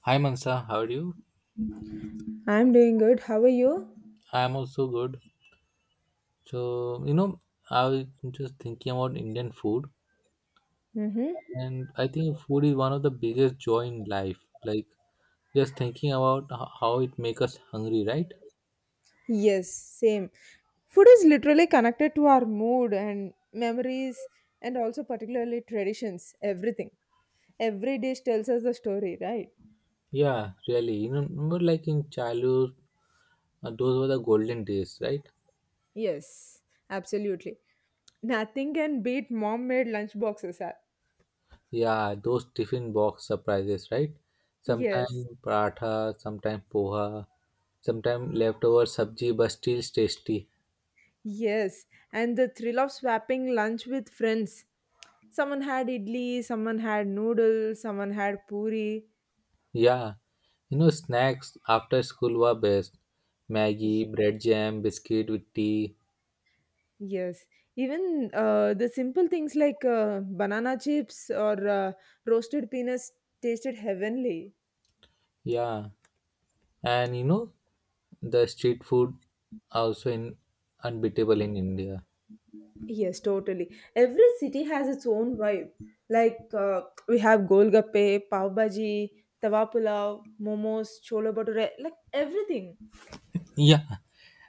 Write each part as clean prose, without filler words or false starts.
Hi Mansa, how are you? I'm doing good. How are you? I am also good. So, I was just thinking about Indian food, Mm-hmm. and I think food is one of the biggest joy in life. Like, just thinking about how it makes us hungry, right? Yes, same. Food is literally connected to our mood and memories, and also particularly traditions, everything. Every dish tells us a story, right? Yeah, really. Remember like in childhood, those were the golden days, right? Yes, absolutely. Nothing can beat mom made lunch boxes. Ah. Yeah, those tiffin box surprises, right? Sometimes Yes, paratha, sometimes poha, sometimes leftover sabji, but still tasty. yes. And the thrill of swapping lunch with friends. Someone had idli, someone had noodles, someone had puri. Yeah, snacks after school were best. Maggie, bread jam, biscuit with tea. Yes, even the simple things like banana chips or roasted peanuts tasted heavenly. Yeah, and the street food also in unbeatable in India. Yes, totally. Every city has its own vibe. Like we have golgappe, pav bhaji, tawa pulao, momos, chola bhature, like everything. Yeah,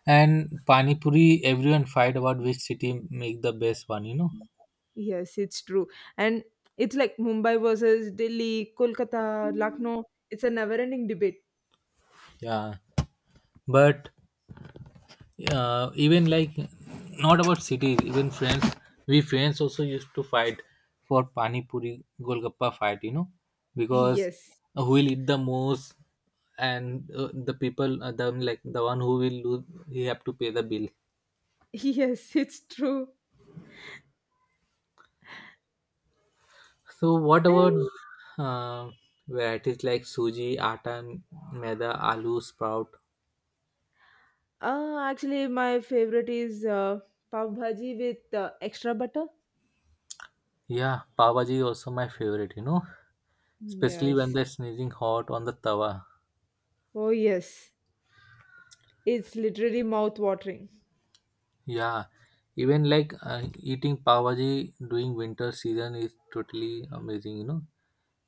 and pani puri. Everyone fight about which city make the best one. You know. Yes, it's true. And it's like Mumbai versus Delhi, Kolkata, Lucknow. It's a never-ending debate. Yeah, but even like not about cities, even friends, we friends also used to fight for pani puri, golgappa fight, you know, because Yes, who will eat the most, and the people, the like the one who will lose, he have to pay the bill. yes, it's true. So what about And uh, varieties like suji atta, maida, aloo sprout? Actually, my favorite is pav bhaji with extra butter. Yeah, pav bhaji is also my favorite, you know, especially when Yes. they're sneezing hot on the tawa. Oh, yes. It's literally mouth watering. Yeah, even like eating pav bhaji during winter season is totally amazing.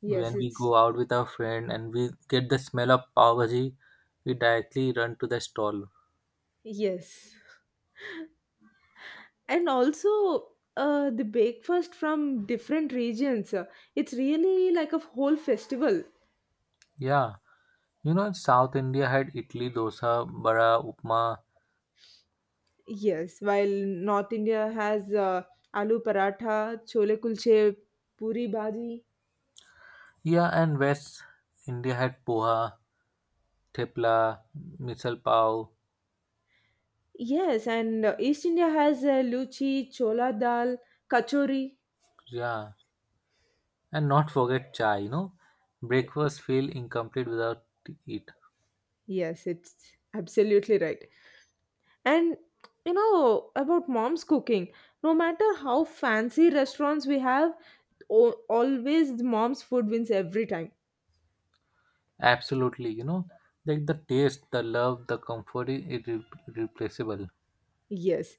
Yes, When we it's go out with our friend and we get the smell of pav bhaji, we directly run to the stall. Yes. And also, the breakfast from different regions. It's really like a whole festival. Yeah, South India had idli, dosa, bara, upma. Yes. While North India has aloo paratha, chole kulche, puri bhaji. Yeah, and West India had poha, thepla, misal pav. Yes, and East India has luchi, chola dal, kachori. Yeah, and not forget chai. Breakfast feel incomplete without it. Yes, it's absolutely right. And you know about mom's cooking, no matter how fancy restaurants we have, always mom's food wins every time. Absolutely, like the taste, the love, the comfort is irreplaceable. Yes.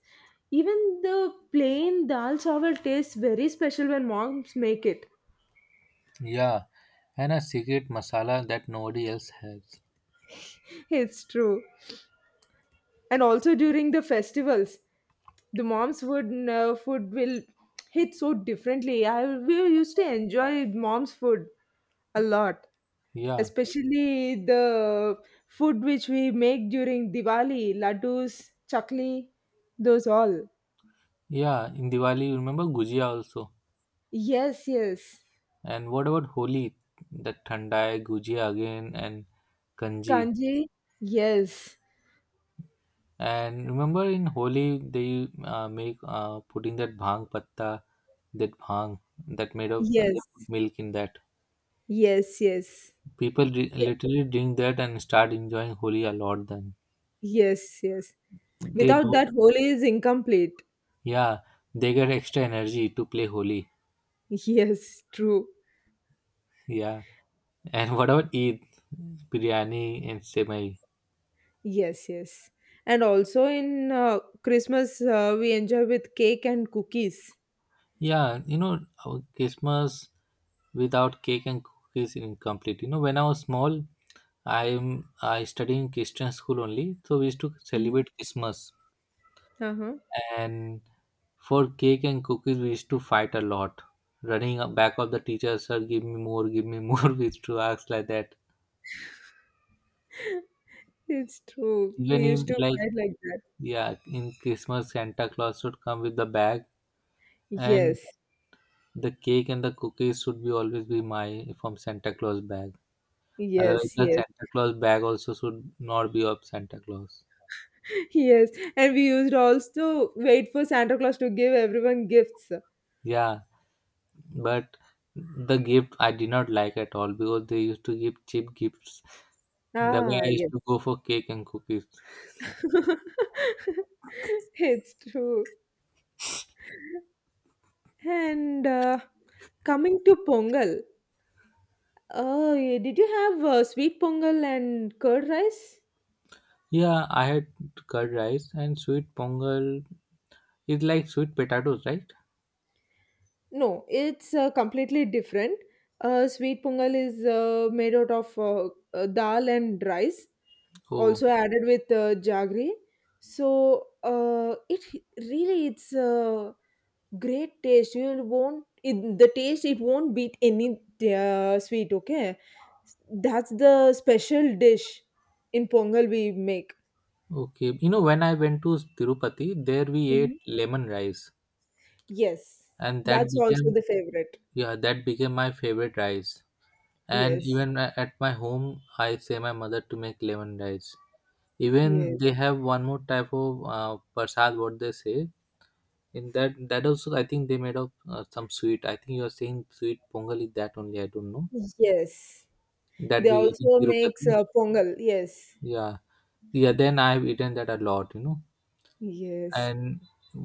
Even the plain dal chawal tastes very special when moms make it. Yeah, and a secret masala that nobody else has. It's true. And also during the festivals, the mom's food will hit so differently. I we used to enjoy mom's food a lot. Yeah, Especially the food which we make during Diwali, laddus, chakli, those all. yeah. In Diwali, you remember gujia also. Yes, yes. And what about Holi? The thandai, gujia again, and kanji. Kanji, yes, And remember in Holi they make, putting that bhang patta, that bhang that made of, they yes, put milk in that. yes, yes, People literally drink that and start enjoying Holi a lot then. yes, yes. They Without do, that, Holi is incomplete. yeah. They get extra energy to play Holi, Yes, true. yeah. And what about Eid, biryani and semai? Yes, yes. And also in Christmas, we enjoy with cake and cookies. Yeah, our Christmas without cake and cookies is incomplete. When I was small, I studied in Christian school only, so we used to Mhm. celebrate Christmas. Uh-huh. And for cake and cookies, we used to fight a lot, running up back of the teacher, sir, give me more, give me more. We used to ask like that. It's true. We Even used in to like, fight like that. yeah, in Christmas, Santa Claus should come with the bag, and Yes, the cake and the cookies should be always be my from Santa Claus bag. Otherwise, yes, the yes. Santa Claus bag also should not be of Santa Claus. Yes, and we used also wait for Santa Claus to give everyone gifts. Yeah, but the gift I did not like at all because they used to give cheap gifts. The way Ah, I used yes. to go for cake and cookies. It's true. And coming to Pongal, did you have sweet Pongal and curd rice? Yeah, I had curd rice and sweet pongal. It's like sweet potatoes, right? No, it's completely different. Sweet Pongal is made out of dal and rice, Oh, also added with jaggery. So it's great taste. You won't it, the taste. It won't beat any sweet. Okay, that's the special dish in Pongal we make. okay. When I went to Tirupati, there we ate Mhm. lemon rice. Yes, And that that's became, also the favorite. yeah, that became my favorite rice, and Yes, even at my home, I say my mother to make lemon rice. Even yes, they have one more type of prasad, what they say, in that, that also I think they made of, some sweet. I think you are saying sweet pongal, is that only, I don't know, yes. that They we get in also makes Tirupati. Pongal. Yes, Yeah, yeah, then I've eaten that a lot, yes. and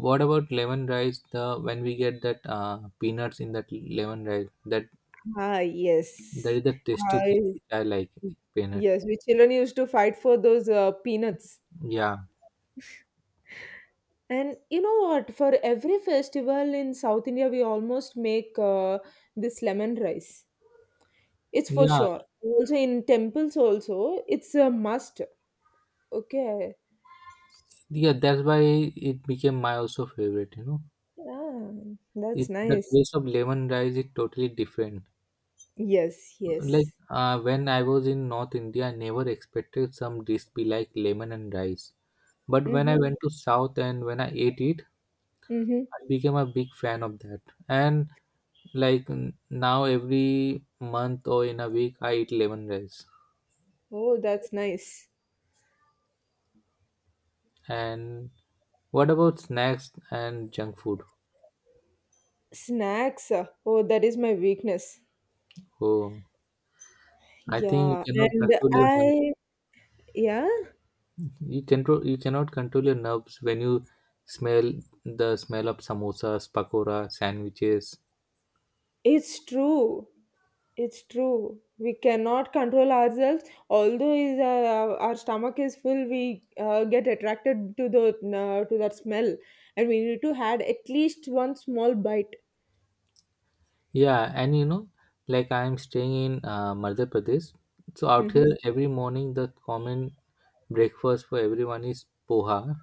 what about lemon rice, the when we get that, peanuts in that lemon rice, that Ah, yes. That. Is the tasty Ah, thing yes. which I like, peanut. Yes, we children used to fight for those peanuts. Yeah, And you know what? For every festival in South India, we almost make this lemon rice. It's for yeah, sure. Also in temples, also it's a must. Okay. yeah. That's why it became my also favorite. Yeah, It that's The nice. taste of lemon rice is totally different. Yes, Like, yes. When I was in North India, I never expected some dish be like lemon and rice. But when I Mm-hmm. went to South and when I ate it, Mm-hmm. I became a big fan of that. And like now every month or in a week, I eat lemon rice. Oh, that's nice. And what about snacks and junk food? Snacks. Oh, that is my weakness. Oh. I think you Yeah, cannot and control your nerve. I. Yeah, You cannot control your nerves when you smell the smell of samosas, pakora, sandwiches. it's true. It's true. We cannot control ourselves. Although is our stomach is full, we get attracted to the to that smell, and we need to had at least one small bite. Yeah, and like I am staying in Madhya Pradesh, so out Mm-hmm. here every morning the common breakfast for everyone is poha.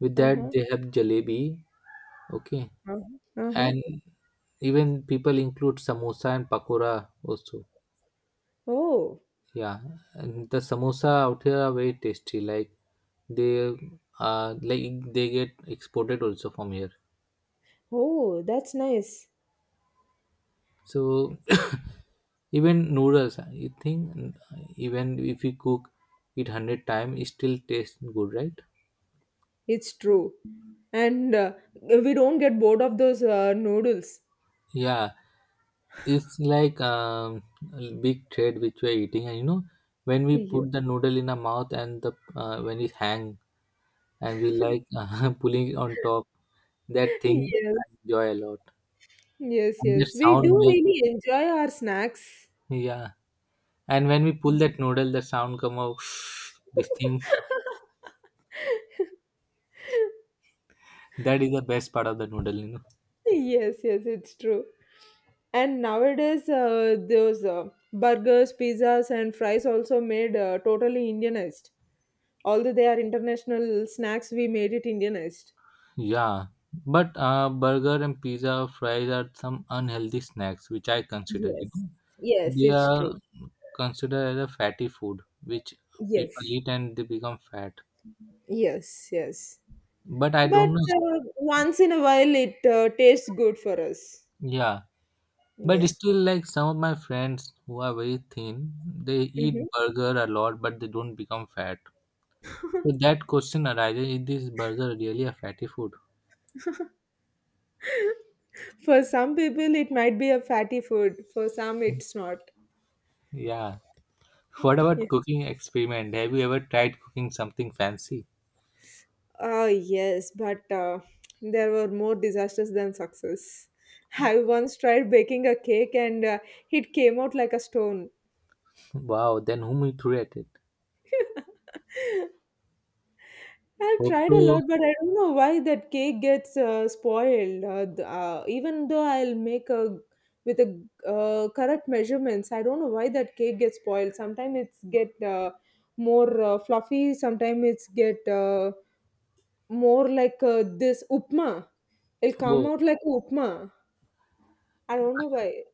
With Uh that huh. they have jalebi, okay, Uh huh. Uh-huh. and even people include samosa and pakora also. Oh, Yeah, and the samosa out here are very tasty. Like they they get exported also from here. oh, that's nice. So even noodles, you think even if you cook it 100 times, it still tastes good, right? It's true, and we don't get bored of those noodles. Yeah, it's like a big thread which we're eating, and when we Yes. put the noodle in our mouth and the when it hang and we like pulling it on top, that thing I enjoy a lot. Yes. Yes. And that Yes. We sound do make, really enjoy our snacks. yeah. And when we pull that noodle, the sound come out. This thing, that is the best part of the noodle, you know. Yes, yes, it's true. And nowadays, those burgers, pizzas, and fries also made totally Indianized. Although they are international snacks, we made it Indianized. Yeah, but burger and pizza, fries are some unhealthy snacks which I consider. Yes, yes, They it's true. are considered as a fatty food which people Yes, eat and they become fat. yes, yes. But I But don't know. Once in a while, it tastes good for us. Yeah, but Yeah. still, like some of my friends who are very thin, they eat Mhm. burger a lot, but they don't become fat. So that question arises, is this burger really a fatty food? For some people, it might be a fatty food. For some, it's not. Yeah. What about cooking experiment? Have you ever tried cooking something fancy? Ah, yes, but there were more disasters than success. I once tried baking a cake and it came out like a stone. Wow, then whom you threw at it? I've tried a Also, lot, but I don't know why that cake gets spoiled. Even though I'll make a with the correct measurements, I don't know why that cake gets spoiled. Sometimes it's get more fluffy. Sometimes it's get more like this upma. It'll come oh, out like upma. I don't know why.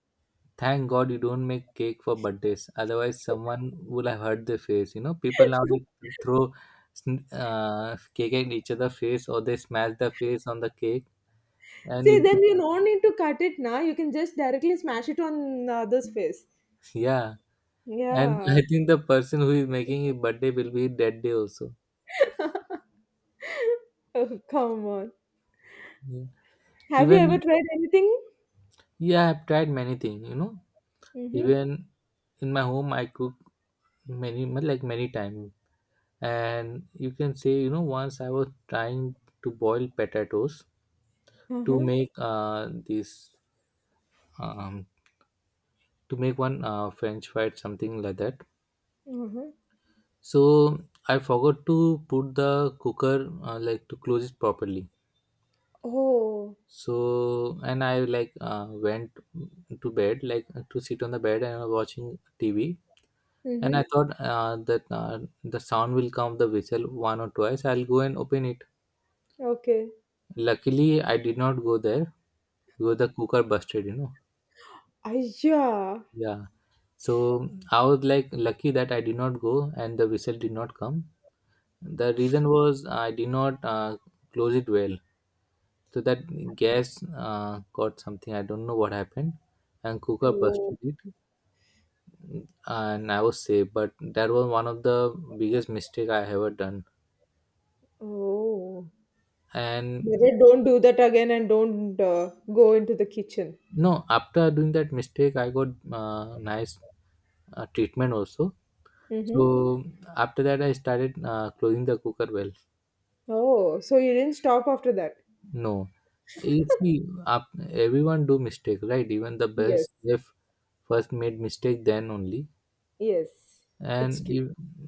thank God you don't make cake for birthdays. Otherwise, someone would have hurt their face. People now they throw cake at each other face, or they smash the face on the cake. And See, it, then you no need to cut it now. You can just directly smash it on the other's face. yeah, and Yeah. I think the person who is making a birthday will be dead day also. Oh, come on. Yeah. Have you ever Even, tried anything? yeah, I've tried many things, you know. Mm-hmm. Even in my home, I cook many times. And you can say, once I was trying to boil potatoes to Uh-huh. make uh, this, um, to make one French fry, something like that. Uh-huh. So I forgot to put the cooker, like to close it properly. Oh. So, and I like went to bed, like to sit on the bed and watching TV. And I Mm-hmm. thought that the sound will come of the whistle one or twice. I'll go and open it. Okay. Luckily, I did not go there because the cooker busted. Aiyah. Yeah. So I was like lucky that I did not go and the whistle did not come. The reason was I did not, close it well. So that gas, got something. I don't know what happened. And cooker Oh. busted it and I was safe. But that was one of the biggest mistake I ever done. Oh. And Better don't do that again and don't go into the kitchen. no, after doing that mistake, I got nice, treatment also. Mm-hmm. So after that, I started closing the cooker well. Oh, so you didn't stop after that? No, you see, up, everyone do mistake, right? Even the Yes. best chef first made mistake, then only. Yes, And it's true. if,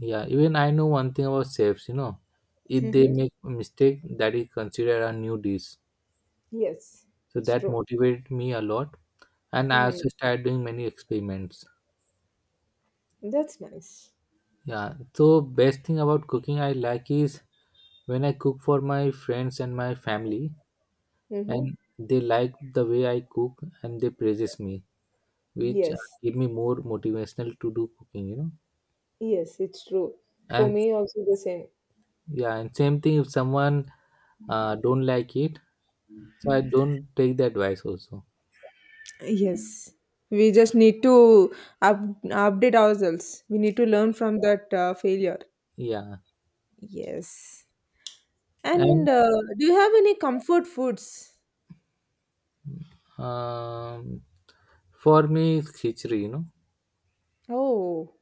yeah, even I know one thing about chefs. If they Mm-hmm. make a mistake, that is considered a new dish. Yes, So it's that true. motivated me a lot, and I Mm-hmm. also started doing many experiments. That's nice. Yeah, so best thing about cooking I like is when I cook for my friends and my family, Mm-hmm. and they like the way I cook and they praises me, which Yes, give me more motivational to do cooking. Yes, it's true. For And me, also the same. yeah, and same thing if someone don't like it, so I don't take the advice also. Yes, we just need to up update ourselves. We need to learn from that failure. Yeah, Yes. and And do you have any comfort foods? um, for me it's khichdi. Oh.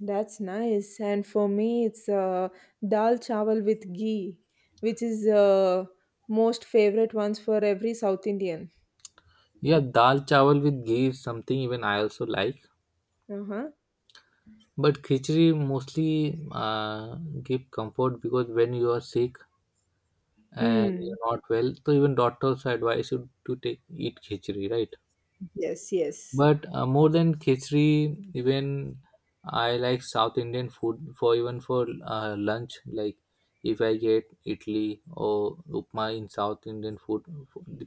That's nice. And for me, it's dal chawal with ghee, which is most favorite ones for every South Indian. Yeah, dal chawal with ghee is something even I also like. Uh-huh. But khichdi mostly, give comfort because when you are sick and Mm. you're not well, so even doctors advise you to take eat khichdi, right? Yes, yes. But more than khichdi, even I like South Indian food for even for lunch. Like if I get idli or upma in South Indian food,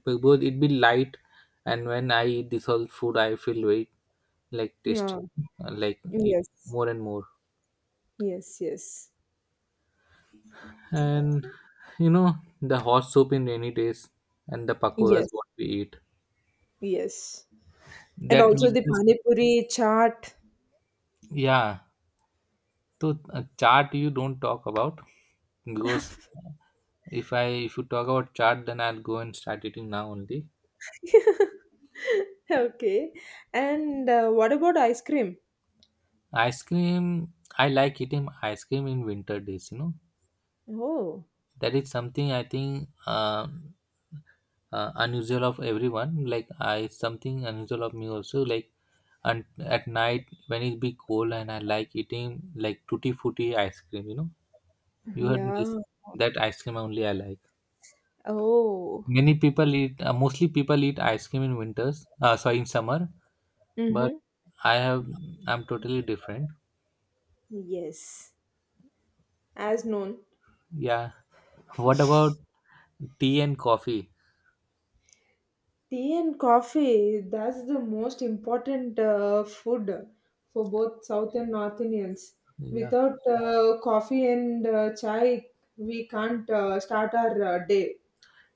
because it be light, and when I eat this all food, I feel very like Yeah. tasty, like eat Yes. more and more. Yes, yes. And you know, the hot soup in rainy days and the pakoras Yes. what we eat, Yes. And that also makes the us panipuri chaat. yeah. So chart you don't talk about, because if you talk about chart, then I'll go and start eating now only. Okay. And what about ice cream? Ice cream, I like eating ice cream in winter days, you know. Oh, That is something I think unusual of everyone, like I something unusual of me also, like. And at night when it be cold, and I like eating like tutti frutti ice cream, you know. You heard this? yeah. That ice cream only I like. Oh. Many people eat mostly people eat ice cream in winters, sorry, in summer. But Mm-hmm. i have I'm totally different, Yes. As known. yeah. What about tea and coffee? Tea and coffee, that's the most important food for both South and North Indians. Yeah, Without coffee and chai, we can't start our day.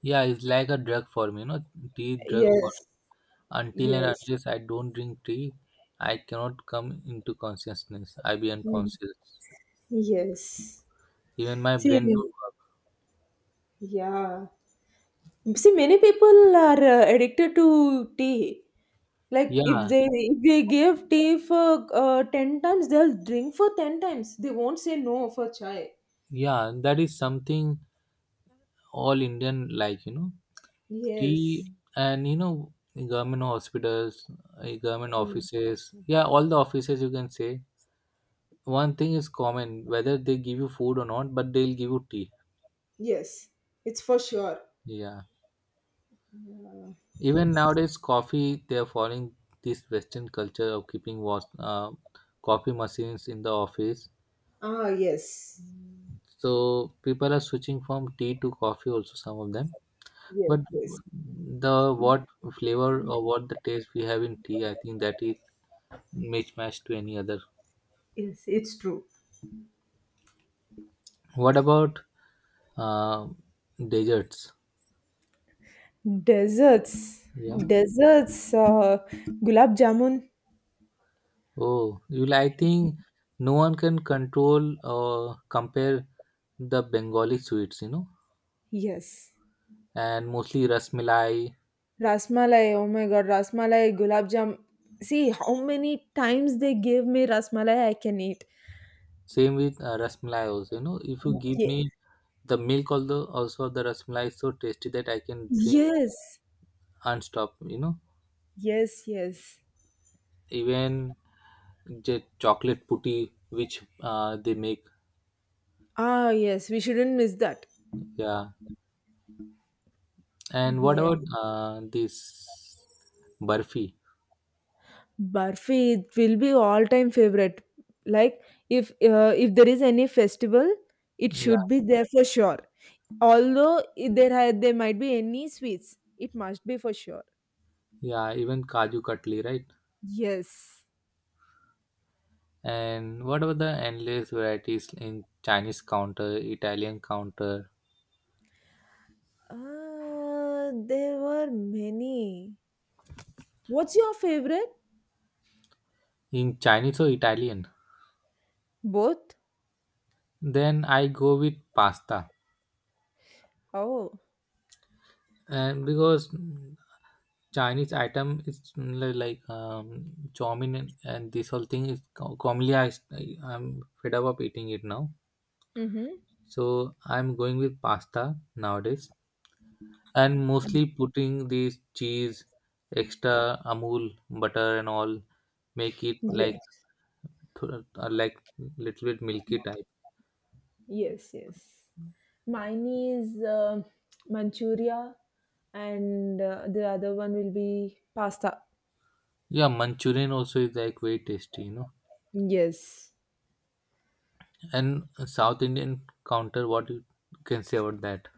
yeah, it's like a drug for me, you know. Tea drug for, Yes, until and yes, unless I don't drink tea, I cannot come into consciousness, I be Mm. unconscious. yes. Even my brain don't See, work, yeah. See, many people are addicted to tea. Like if yeah. they if they give tea for 10 times, they'll drink for 10 times. They won't say no for chai. Yeah, that is something all Indian like, you know, Yes. tea. And you know, government hospitals, government Mm. offices, yeah, all the offices you can say. One thing is common, whether they give you food or not, but they'll give you tea. Yes, it's for sure. Yeah. Uh, Even nowadays, coffee, they are following this Western culture of keeping was coffee machines in the office. yes, So people are switching from tea to coffee also, some of them. yes, But yes, the what flavor or what the taste we have in tea, I think that is mismatched to any other. yes. It's true. What about uh, desserts? Desserts, Yeah. desserts, gulab jamun. Oh, you like- I think no one can control or compare the Bengali sweets, you know, Yes. and mostly rasmalai. Rasmalai, oh my god, rasmalai, gulab jam. See how many times they gave me rasmalai I can eat. Same with rasmalai also, you know. If you give Ye- me the milk, although also the rasmalai is so tasty that I can drink yes. unstop, you know. Yes, yes. Even the chocolate putty which they make, Ah, yes, we shouldn't miss that. yeah. And what Yes. about this burfi? Barfi it will be all time favorite. Like if there is any festival, it Yeah, should be there for sure. Although there might be any sweets, it must be for sure. yeah, even kaju katli, right? Yes. And what about the endless varieties in Chinese counter, Italian counter? There were many. What's your favorite? In Chinese or Italian, Both. then I go with pasta. Oh. And because Chinese item is like chow mein, and this whole thing is commonly I'm fed up of eating it now. Mm-hmm. So I'm going with pasta nowadays and mostly putting this cheese, extra Amul butter and all, make it like Yes. Like little bit milky type. Yes. Yes. Mine is Manchuria, and the other one will be pasta. Yeah, Manchurian also is like very tasty, you know. Yes. And South Indian counter, what you can say about that?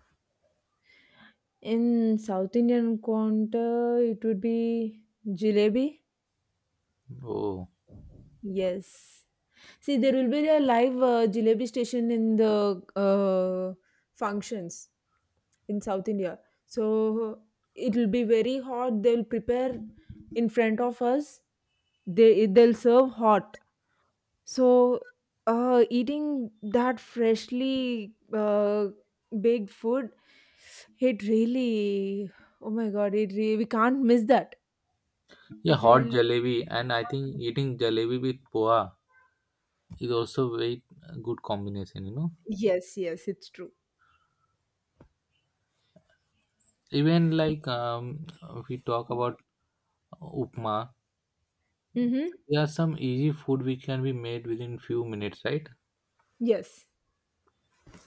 In South Indian counter, it would be jalebi. Oh, Yes. See, there will be a live jalebi station in the functions in South India. So it will be very hot. They'll prepare in front of us. They'll serve hot. So eating that freshly baked food, it really. Oh my God! We can't miss that. yeah, It hot really jalebi, and I think eating jalebi with poha is also very good combination, you know. yes, yes, it's true. Even like if we talk about upma, Mm-hmm. there are some easy food which can be made within few minutes, right? Yes,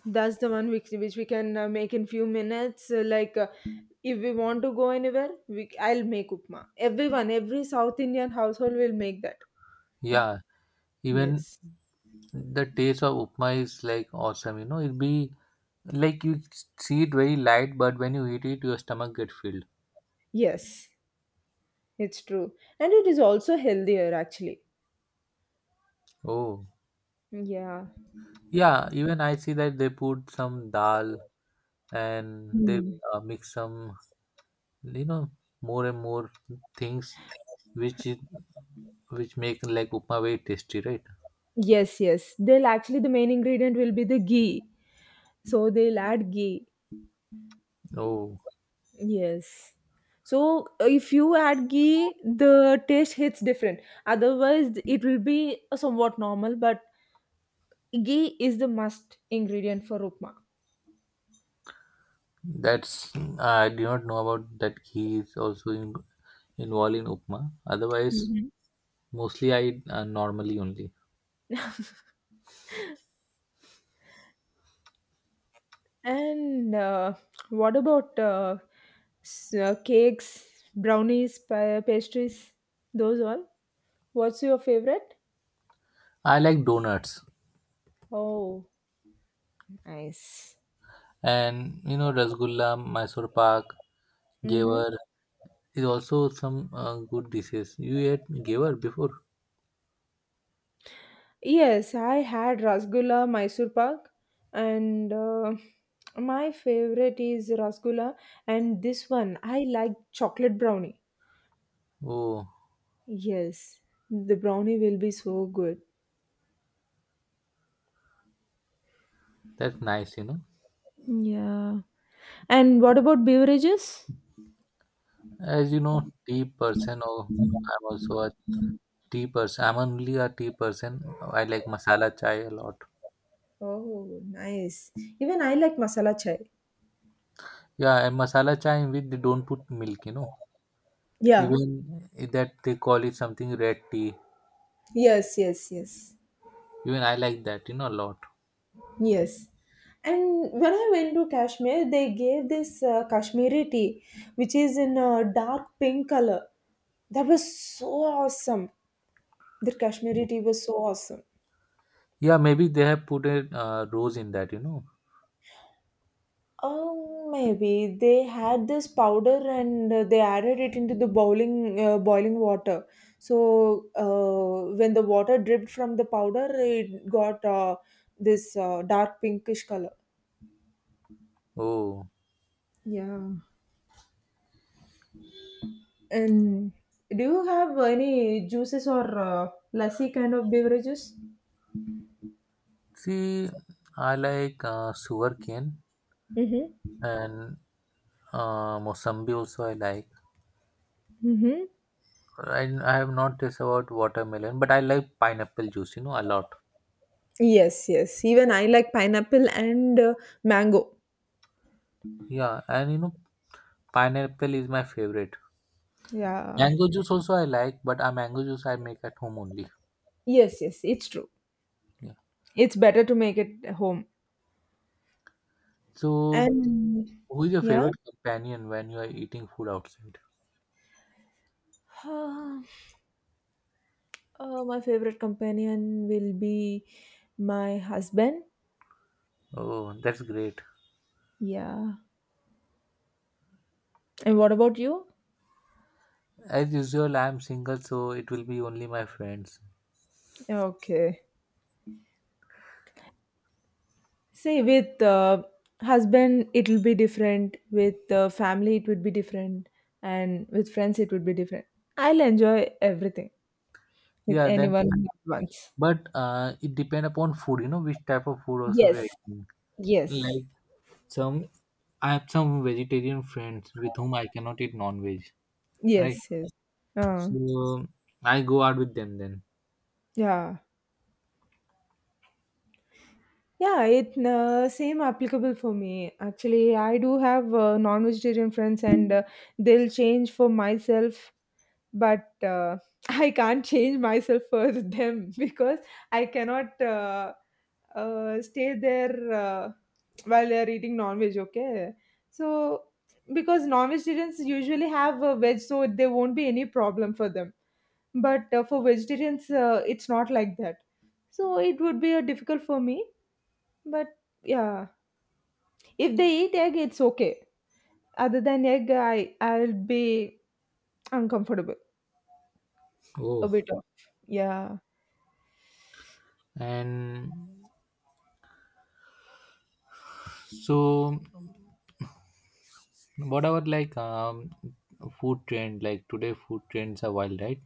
that's the one which we can make in few minutes. Like, if we want to go anywhere, I'll make upma. Every South Indian household will make that. Yeah, even Yes, the taste of upma is like awesome. You know, it be like you see it very light, but when you eat it, your stomach get filled. yes, it's true, and it is also healthier actually. Oh, Yeah. yeah. Even I see that they put some dal and they Mm. Mix some, you know, more and more things which is, which make like upma very tasty, right? Yes, yes. The main ingredient will be the ghee, so they'll add ghee. Oh, Yes. So if you add ghee, the taste hits different. Otherwise, it will be somewhat normal, but ghee is the must ingredient for upma. that's, I do not know about that, ghee is also in, involved in upma. Otherwise, Hmm. mostly I normally only. And what about cakes, brownies, pastries? Those all? What's your favorite? I like donuts, Oh, nice. and you know, rasgulla, Mysore pak, gaver is also some good dishes. You ate gaver before? Yes, I had Rasgulla Mysore Pak and my favorite is Rasgulla and this one I like chocolate brownie. Oh, Yes, the brownie will be so good. that's nice. You know, Yeah. And what about beverages? as you know, tea person. Oh, I'm also a tea person. I'm only a tea person. I like masala chai a lot. Oh, nice. Even I like masala chai. Yeah, and masala chai in which they don't put milk. You know, Yeah. even that they call it something red tea. Yes, yes, yes. Even I like that. You know, a lot. Yes. And when I went to Kashmir, they gave this Kashmiri tea, which is in a dark pink color. That was so awesome. The Kashmiri tea was so awesome. Yeah, maybe they have put a rose in that, you know. Oh, maybe they had this powder and they added it into the boiling water. So when the water dripped from the powder, it got this dark pinkish color. Oh, Yeah. And do you have any juices or lassi kind of beverages? see, I like sugarcane Mm-hmm. and mosambi also I like. Mm-hmm. I have not taste about watermelon, but I like pineapple juice, you know, a lot. Yes, yes. Even I like pineapple and mango. Yeah, and you know, pineapple is my favorite. Yeah. Mango juice also I like, but mango juice I make at home only. Yes, yes, it's true. Yeah. It's better to make it at home. So, And who is your yeah. favorite companion when you are eating food outside? My favorite companion will be my husband. Oh, that's great. Yeah. And what about you? As usual, I am single, so it will be only my friends. Okay. Say with husband it'll be different, with family it would be different, and with friends it would be different. I'll enjoy everything with Yeah, then. anyone at once. But it depend upon food, you know, which type of food also we Yes, are eating. yes, Like some, I have some vegetarian friends with whom I cannot eat non-veg, right? yes, yes. Uh, So I go out with them then. yeah, yeah. It same applicable for me. Actually, I do have non-vegetarian friends, and they'll change for myself. But, I can't change myself for them because I cannot, stay there, while they are eating non-veg, okay? So, because non-vegetarians usually have a veg, so there won't be any problem for them. But for vegetarians, it's not like that. So it would be difficult for me. But yeah, if they eat egg, it's okay. Other than egg, I'll be uncomfortable a Oh, bit of yeah. and so what about like food trend? Like today, food trends are wild, right?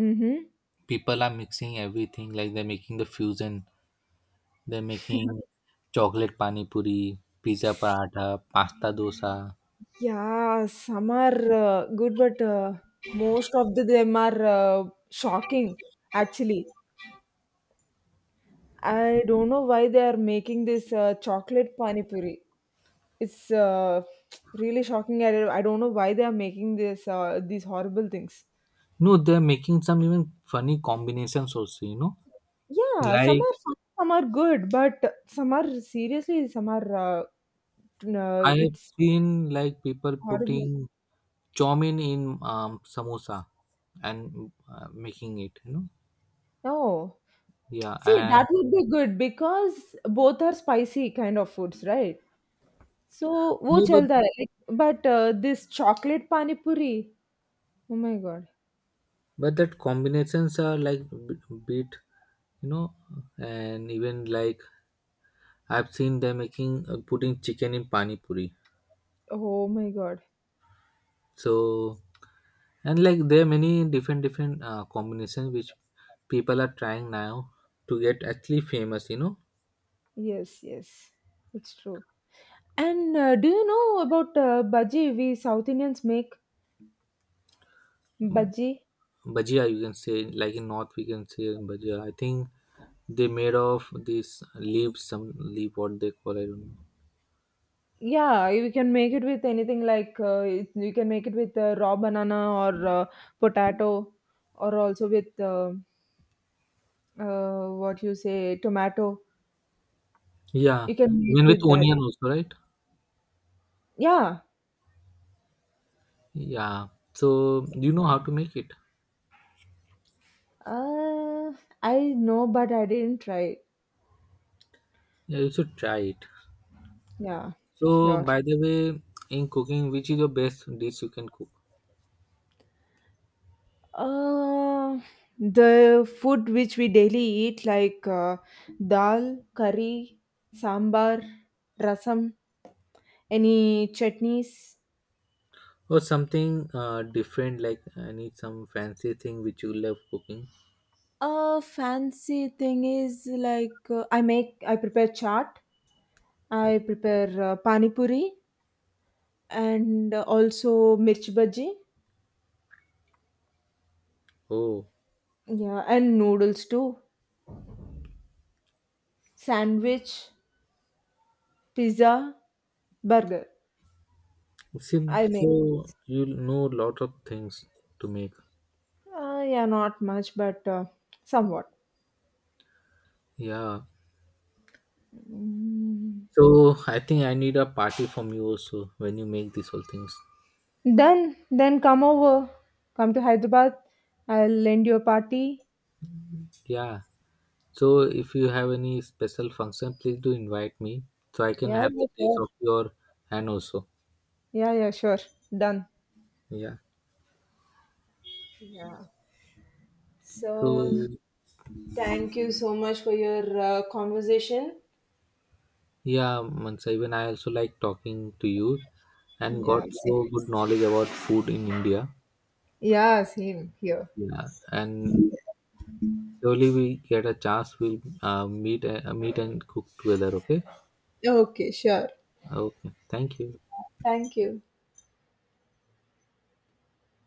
Mm-hmm. People are mixing everything. Like they're making the fusion. They're making chocolate pani puri, pizza paratha, pasta dosa. Yeah, some are good, but most of them are shocking. Actually, I don't know why they are making this chocolate pani puri. It's really shocking. I don't know why they are making this these horrible things. No, they're making some even funny combinations also, you know. Yeah, some Like are fun, some are good, but some are seriously, some are no, I have it's seen like people putting horrible. chow mein in samosa and making it, you know. No, Yeah, see, that and would be good because both are spicy kind of foods, right? सो वो no, चलता है like but this chocolate pani puri oh my God. but that combinations are like bit, you know, and even like I've seen they're making putting chicken in pani puri. Oh my God. So and like there are many different different combinations which people are trying now to get actually famous, you know. Yes, yes. It's true. And do you know about bhaji? We South Indians make bhaji. Bhajia, you can say like in north we can say bhajia, I think. They made of these leaves, some leaf what they call, I don't Yeah, you can make it with anything like you can make it with raw banana or potato or also with what you say, tomato. know, yeah. You can make Even with with that. onion also, right? Yeah. Yeah, so you know how to make it? Uh, I know, but I didn't try. Yeah, you should try it. Yeah, So sure. by the way, in cooking which is your best dish you can cook? Uh, the food which we daily eat, like dal, curry, sambar, rasam, any chutneys. Or something different, like I need some fancy thing which you love cooking. A fancy thing is like I prepare chaat, I prepare pani puri, and also mirchi bhaji. Oh, Yeah, and noodles too. Sandwich, pizza, burger. seems I make. so, you know, lot of things to make, Yeah, not much, but somewhat. yeah. Mm. So I think I need a party from you also when you make these whole things. Then, come to Hyderabad. I'll lend you a party. Yeah. So if you have any special function, please do invite me so I can Yeah, have yeah, the taste sure. of your hand also. Yeah, yeah, sure. Done. Yeah. Yeah. So, So thank you so much for your conversation. yeah, Mansa, even I also like talking to you and got Yeah, same. so good knowledge about food in India. Yeah, same here. Yeah. And surely we get a chance, we'll meet, meet and cook together. Okay. Okay, sure. Okay. Thank you. Thank you.